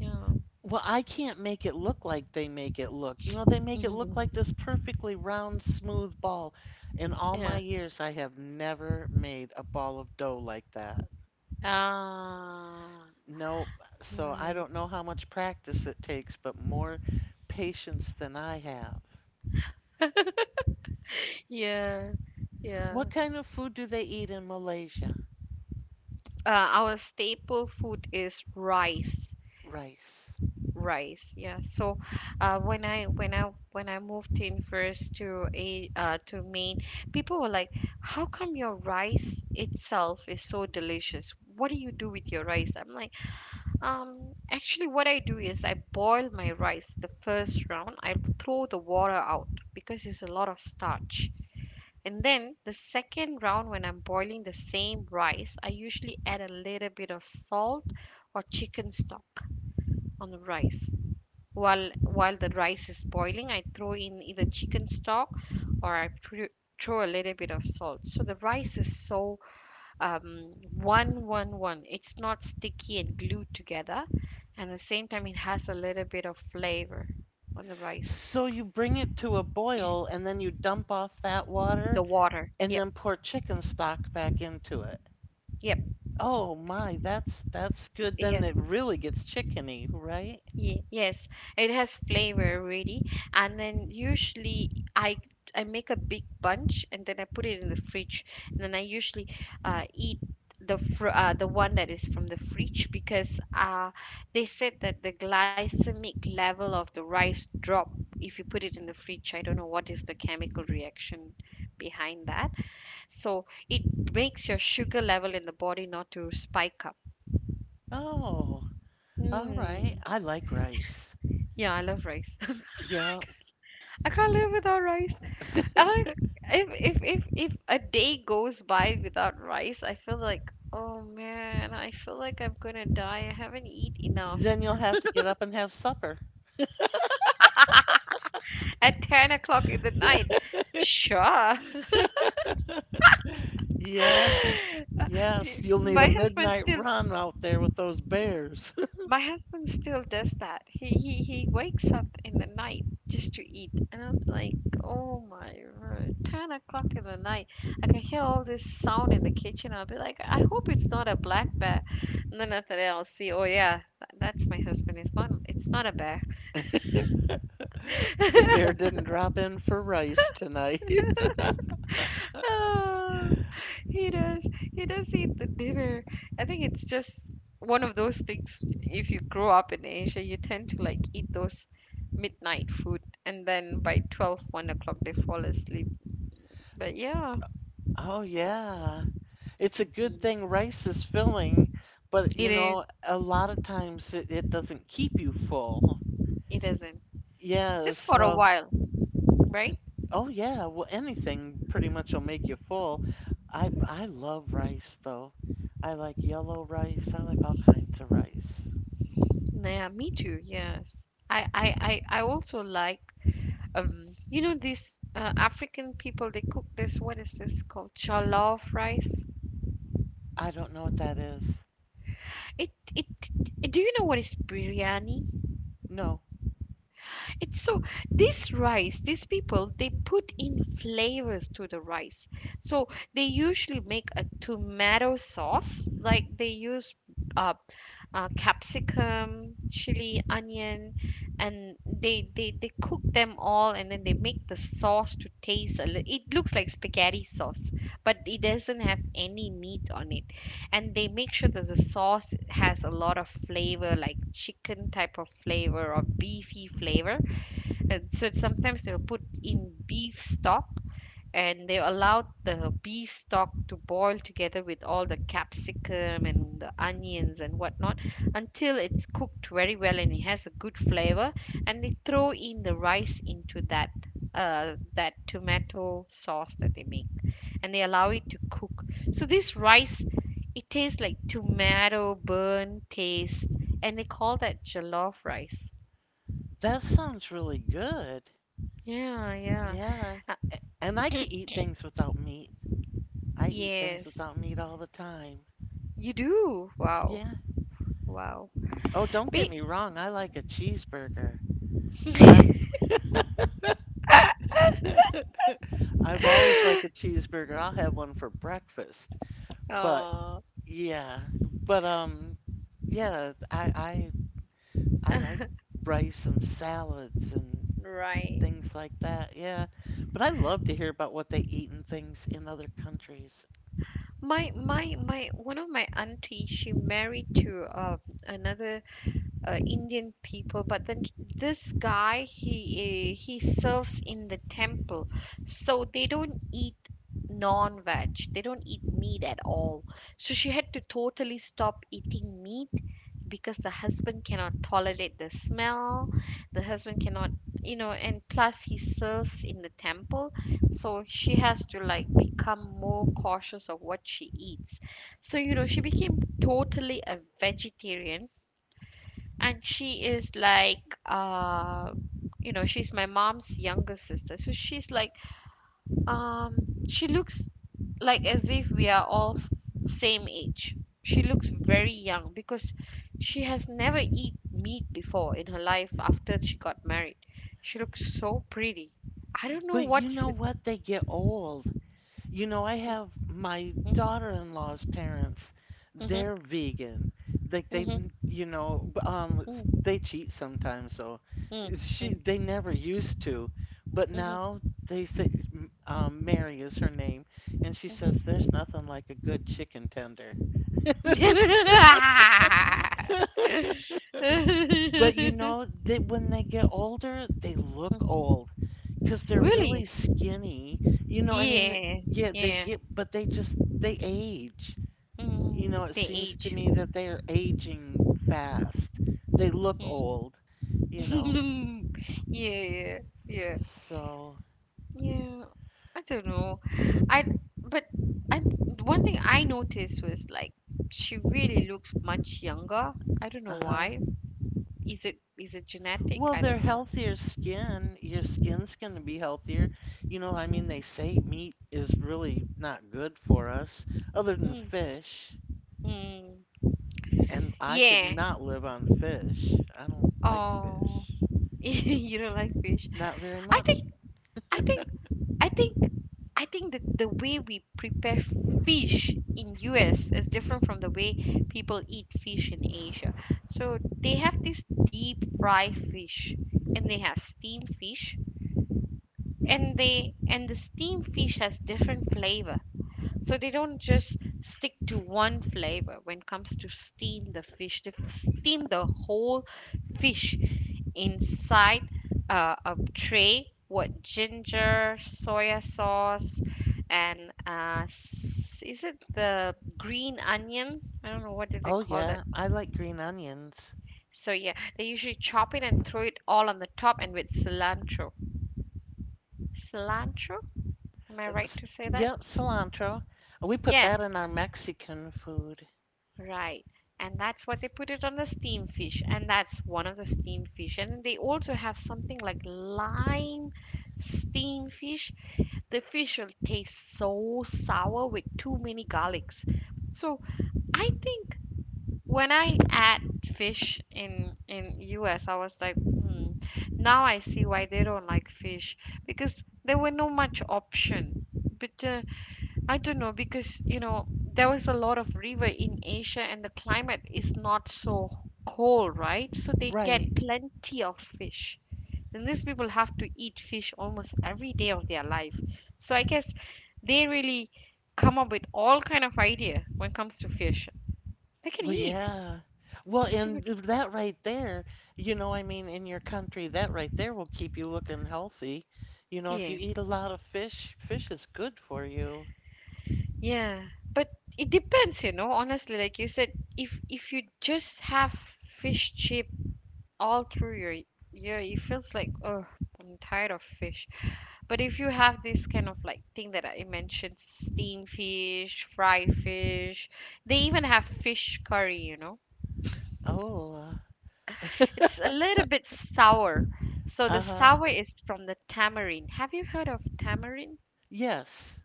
Yeah.
well, I can't make it look like they make it look. They make it look like this perfectly round, smooth ball. In all my
Yeah.
years, I have never made a ball of dough like that.
Ah,
Nope. So I
right.
don't know how much practice it takes, but more patience than I have.
Yeah. Yeah.
What kind of food do they eat in Malaysia?
Our staple food is rice.
Rice.
Rice, yeah. So when I moved in first to a to Maine, people were like, how come your rice itself is so delicious? What do you do with your rice? I'm like, um actually what I do is I boil my rice. The first round I throw the water out because it's a lot of starch, and then the second round, when I'm boiling the same rice, I usually add a little bit of salt or chicken stock on the rice. While the rice is boiling, I throw in either chicken stock or throw a little bit of salt. So the rice is so one. It's not sticky and glued together, and at the same time it has a little bit of flavor on the rice.
So you bring it to a boil and then you dump off that
The
water
water.
and
Yep.
then pour chicken stock back into it.
Yep.
Oh my, that's good. Then
Yeah.
it really gets chickeny, right?
Yeah, yes, it has flavor already. And then usually I make a big bunch and then I put it in the fridge. And then I usually eat the one that is from the fridge, because they said that the glycemic level of the rice drop if you put it in the fridge. I don't know what is the chemical reaction behind that. So it makes your sugar level in the body not to spike up.
Oh, all right.
Mm.
I like rice.
Yeah, I love rice.
Yeah.
I can't live without rice. Or if if a day goes by without rice, I feel like, oh man, I feel like I'm gonna die. I haven't eat enough
Then you'll have to get up and have supper.
at 10 o'clock in the night. Sure.
Yeah, yes, you'll need a
My husband
midnight
still
run out there with those bears.
My husband still does that. He wakes up in the night just to eat, and I'm like, oh my word, 10 o'clock in the night. I can hear all this sound in the kitchen. I'll be like, I hope it's not a black bear. And then after that, I'll see. Oh yeah, that's my husband. It's not. It's not a bear.
The bear didn't drop in for rice tonight.
Oh, he does. He does eat the dinner. I think it's just one of those things. If you grow up in Asia, you tend to like eat those midnight food, and then by 12, 1 o'clock, they fall asleep. But yeah,
Oh yeah. It's a good thing
mm,
rice is filling, but
it is.
a lot of times it doesn't keep you full.
It isn't.
Yeah,
Just for a
so
while. Right?
oh yeah, well anything pretty much will make you full. I love rice though. I like yellow rice. I like all kinds of rice.
Yeah, me too. Yes. I also like, you know, these African people, they cook this, what is this called? Jollof rice.
I don't know what that is.
It, it, do you know what is biryani?
No,
It's so this rice, these people, they put in flavors to the rice. So they usually make a tomato sauce, like they use uh, capsicum, chili, onion, and they cook them all, and then they make the sauce to taste a little. It looks like spaghetti sauce, but it doesn't have any meat on it. And they make sure that the sauce has a lot of flavor, like chicken type of flavor or beefy flavor, and so sometimes they'll put in beef stock, and they allowed the beef stock to boil together with all the capsicum and the onions and whatnot until it's cooked very well and it has a good flavor, and they throw in the rice into that that tomato sauce that they make, and they allow it to cook. So this rice, it tastes like tomato burn taste, and they call that jollof rice.
that sounds really good.
Yeah, yeah.
Yeah,
Uh,
and I can eat things without meat. I eat things
yes.
without meat all the time.
You do? Wow.
Yeah.
Wow.
Oh, don't get
Be
me wrong, I like a cheeseburger, but I I've always liked a cheeseburger. I'll have one for breakfast. But
Oh,
yeah, but yeah, I like rice and salads and
right.
things like that. Yeah. But I love to hear about what they eat and things in other countries.
My one of my auntie, she married to another Indian people. But then this guy, he serves in the temple, so they don't eat non-veg. They don't eat meat at all. So she had to totally stop eating meat because the husband cannot tolerate the smell. The husband cannot, you know, and plus he serves in the temple, so she has to like become more cautious of what she eats. So, you know, she became totally a vegetarian, and she is like you know, she's my mom's younger sister, so she's like um she looks like as if we are all same age. She looks very young because she has never eat meat before in her life. After she got married, she looks so pretty. I don't know
But you
what's
know
with
what? They get old. You know, I have my daughter-in-law's parents,
Mhm,
they're vegan. Like they,
mhm, mhm,
they cheat sometimes, so
mhm,
she they never used to, but
mhm,
now they say Mary is her name, and she says there's nothing like a good chicken tender.
mhm,
But you
mhm,
know that when they get older, they look
mhm.
old because they're really
Really?
skinny. You know, I mean,
Yeah,
yeah, they
yeah.
get, but they age. You know,
Mm,
it
the
seems to
age.
me that they're aging fast. They look
Mm.
old, you know.
Yeah, yeah, yeah.
So,
Yeah. I don't know. I but I one thing I noticed was like, she really looks much younger. I don't know
uh-huh.
why. Is it genetic?
Well,
I don't
they're
know.
healthier skin. Your skin's going to be healthier. You know, I mean, they
Mm,
say meat is really not good for us, other than
mm,
fish.
mm.
And I could
Yeah.
not live on fish. I don't like
Oh,
fish.
you don't like fish.
Not very
I
much.
think I think I think I think that the way we prepare fish in US is different from the way people eat fish in Asia. So they have this deep fry fish, and they have steamed fish, and they and the steamed fish has different flavor, so they don't just stick to one flavor when it comes to steam the fish. They steam the whole fish inside a tray with ginger, soya sauce, and is it the green onion? I don't know what did they
Oh,
call that.
yeah. I like green onions.
So yeah, they usually chop it and throw it all on the top and with cilantro. Cilantro? Am I right
S-
to say that?
Yep, cilantro. We put
Yeah.
that in our Mexican food.
Right. And that's what they put it on the steam fish. And that's one of the steam fish. And they also have something like lime steam fish. The fish will taste so sour with too many garlics. So I think when I add fish in US, I was like, hmm, now I see why they don't like fish because there were no much option. But I don't know, because you know, there was a lot of river in Asia and the climate is not so cold, right? So they
Right.
get plenty of fish. And these people have to eat fish almost every day of their life. So I guess they really come up with all kind of idea when it comes to fish. They can
Well,
eat.
yeah. Well,
These people
and
can-
that right there, I mean, in your country, that right there will keep you looking healthy. You know, if you
Yeah.
eat a lot of fish, fish is good for you.
Yeah. But it depends, you know, honestly, like you said, if you just have fish chip all through your yeah, it feels like, oh, I'm tired of fish. But if you have this kind of like thing that I mentioned, steamed fish, fried fish, they even have fish curry, you know,
Oh,
it's a little bit sour. So the
uh-huh.
sour is from the tamarind. Have you heard of tamarind?
Yes.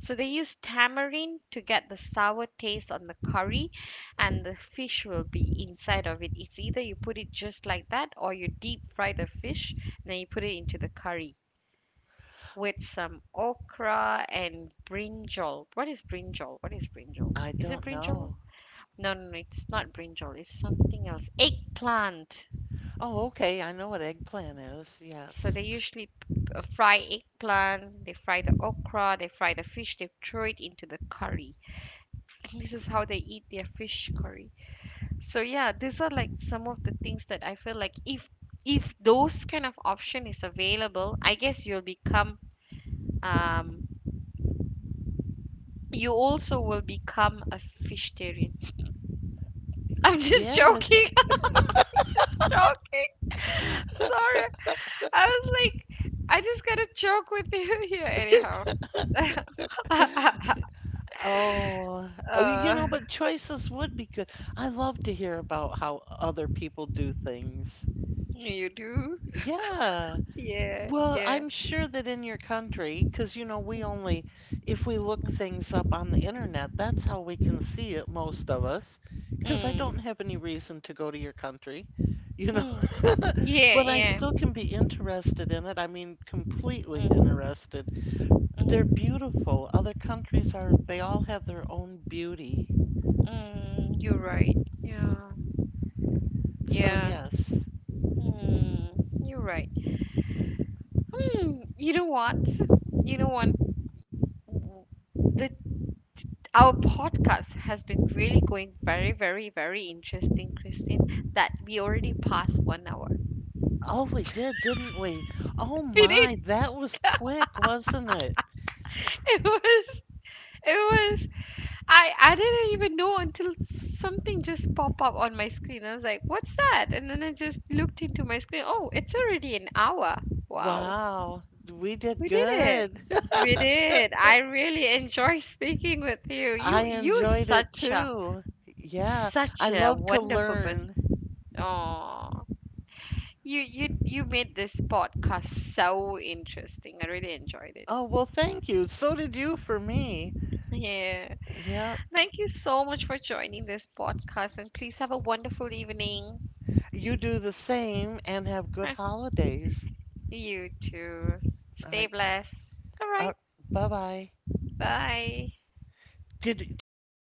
So they use tamarind to get the sour taste on the curry, and the fish will be inside of it. It's either you put it just like that or you deep fry the fish, then you put it into the curry with some okra and brinjal. What is brinjal? What is brinjal?
I
Is
don't
it brinjal?
know.
No, no, no, it's not brinjal. It's something else. Eggplant.
Oh, okay. I know what eggplant is.
So they
Yes.
usually fry eggplant, they fry the okra, they fry the fish, they throw it into the curry. And this is how they eat their fish curry. So yeah, these are like some of the things that I feel like, if those kind of option is available, I guess you'll become um you also will become a vegetarian. I'm just
Yes.
joking. I'm joking. Sorry. I was like, I just gotta joke with you here, anyhow.
Oh, oh,
uh,
but choices would be good. I love to hear about how other people do things.
you do?
Yeah.
Yeah,
Well,
yeah.
I'm sure that in your country, because we only if we look things up on the internet, that's how we can see it, most of us, because I don't
Mm,
have any reason to go to your country, you know?
mm. Yeah,
But I
yeah.
still can be interested in it. I mean, completely
Mm,
interested. They're
mm,
beautiful. Other countries are, they all have their own beauty.
mm. You're right. Yeah,
So,
yeah.
yes.
Mm, you're right. Hmm. You know what? You know what? The Our podcast has been really going very, very, very interesting, Christine, that we already passed 1 hour.
Oh, we did, didn't we? Oh
We
my,
did.
that was quick, wasn't it?
It was, it was, I didn't even know until something just popped up on my screen. I was like, what's that? And then I just looked into my screen. Oh, it's already an hour. Wow.
Wow, we did
We did it.
good.
We did. I really enjoy speaking with you.
I
You're
enjoyed it
such a,
too. Yeah,
such
I
a
love to
wonderful person.
learn.
Oh. You made this podcast so interesting. I really enjoyed it.
Oh, well, thank you. So did you for me.
Yeah.
Yep.
Thank you so much for joining this podcast and please have a wonderful evening.
You do the same and have good holidays.
You too.
All
Stay
right.
blessed. All
Uh,
right.
bye-bye.
Bye.
Did you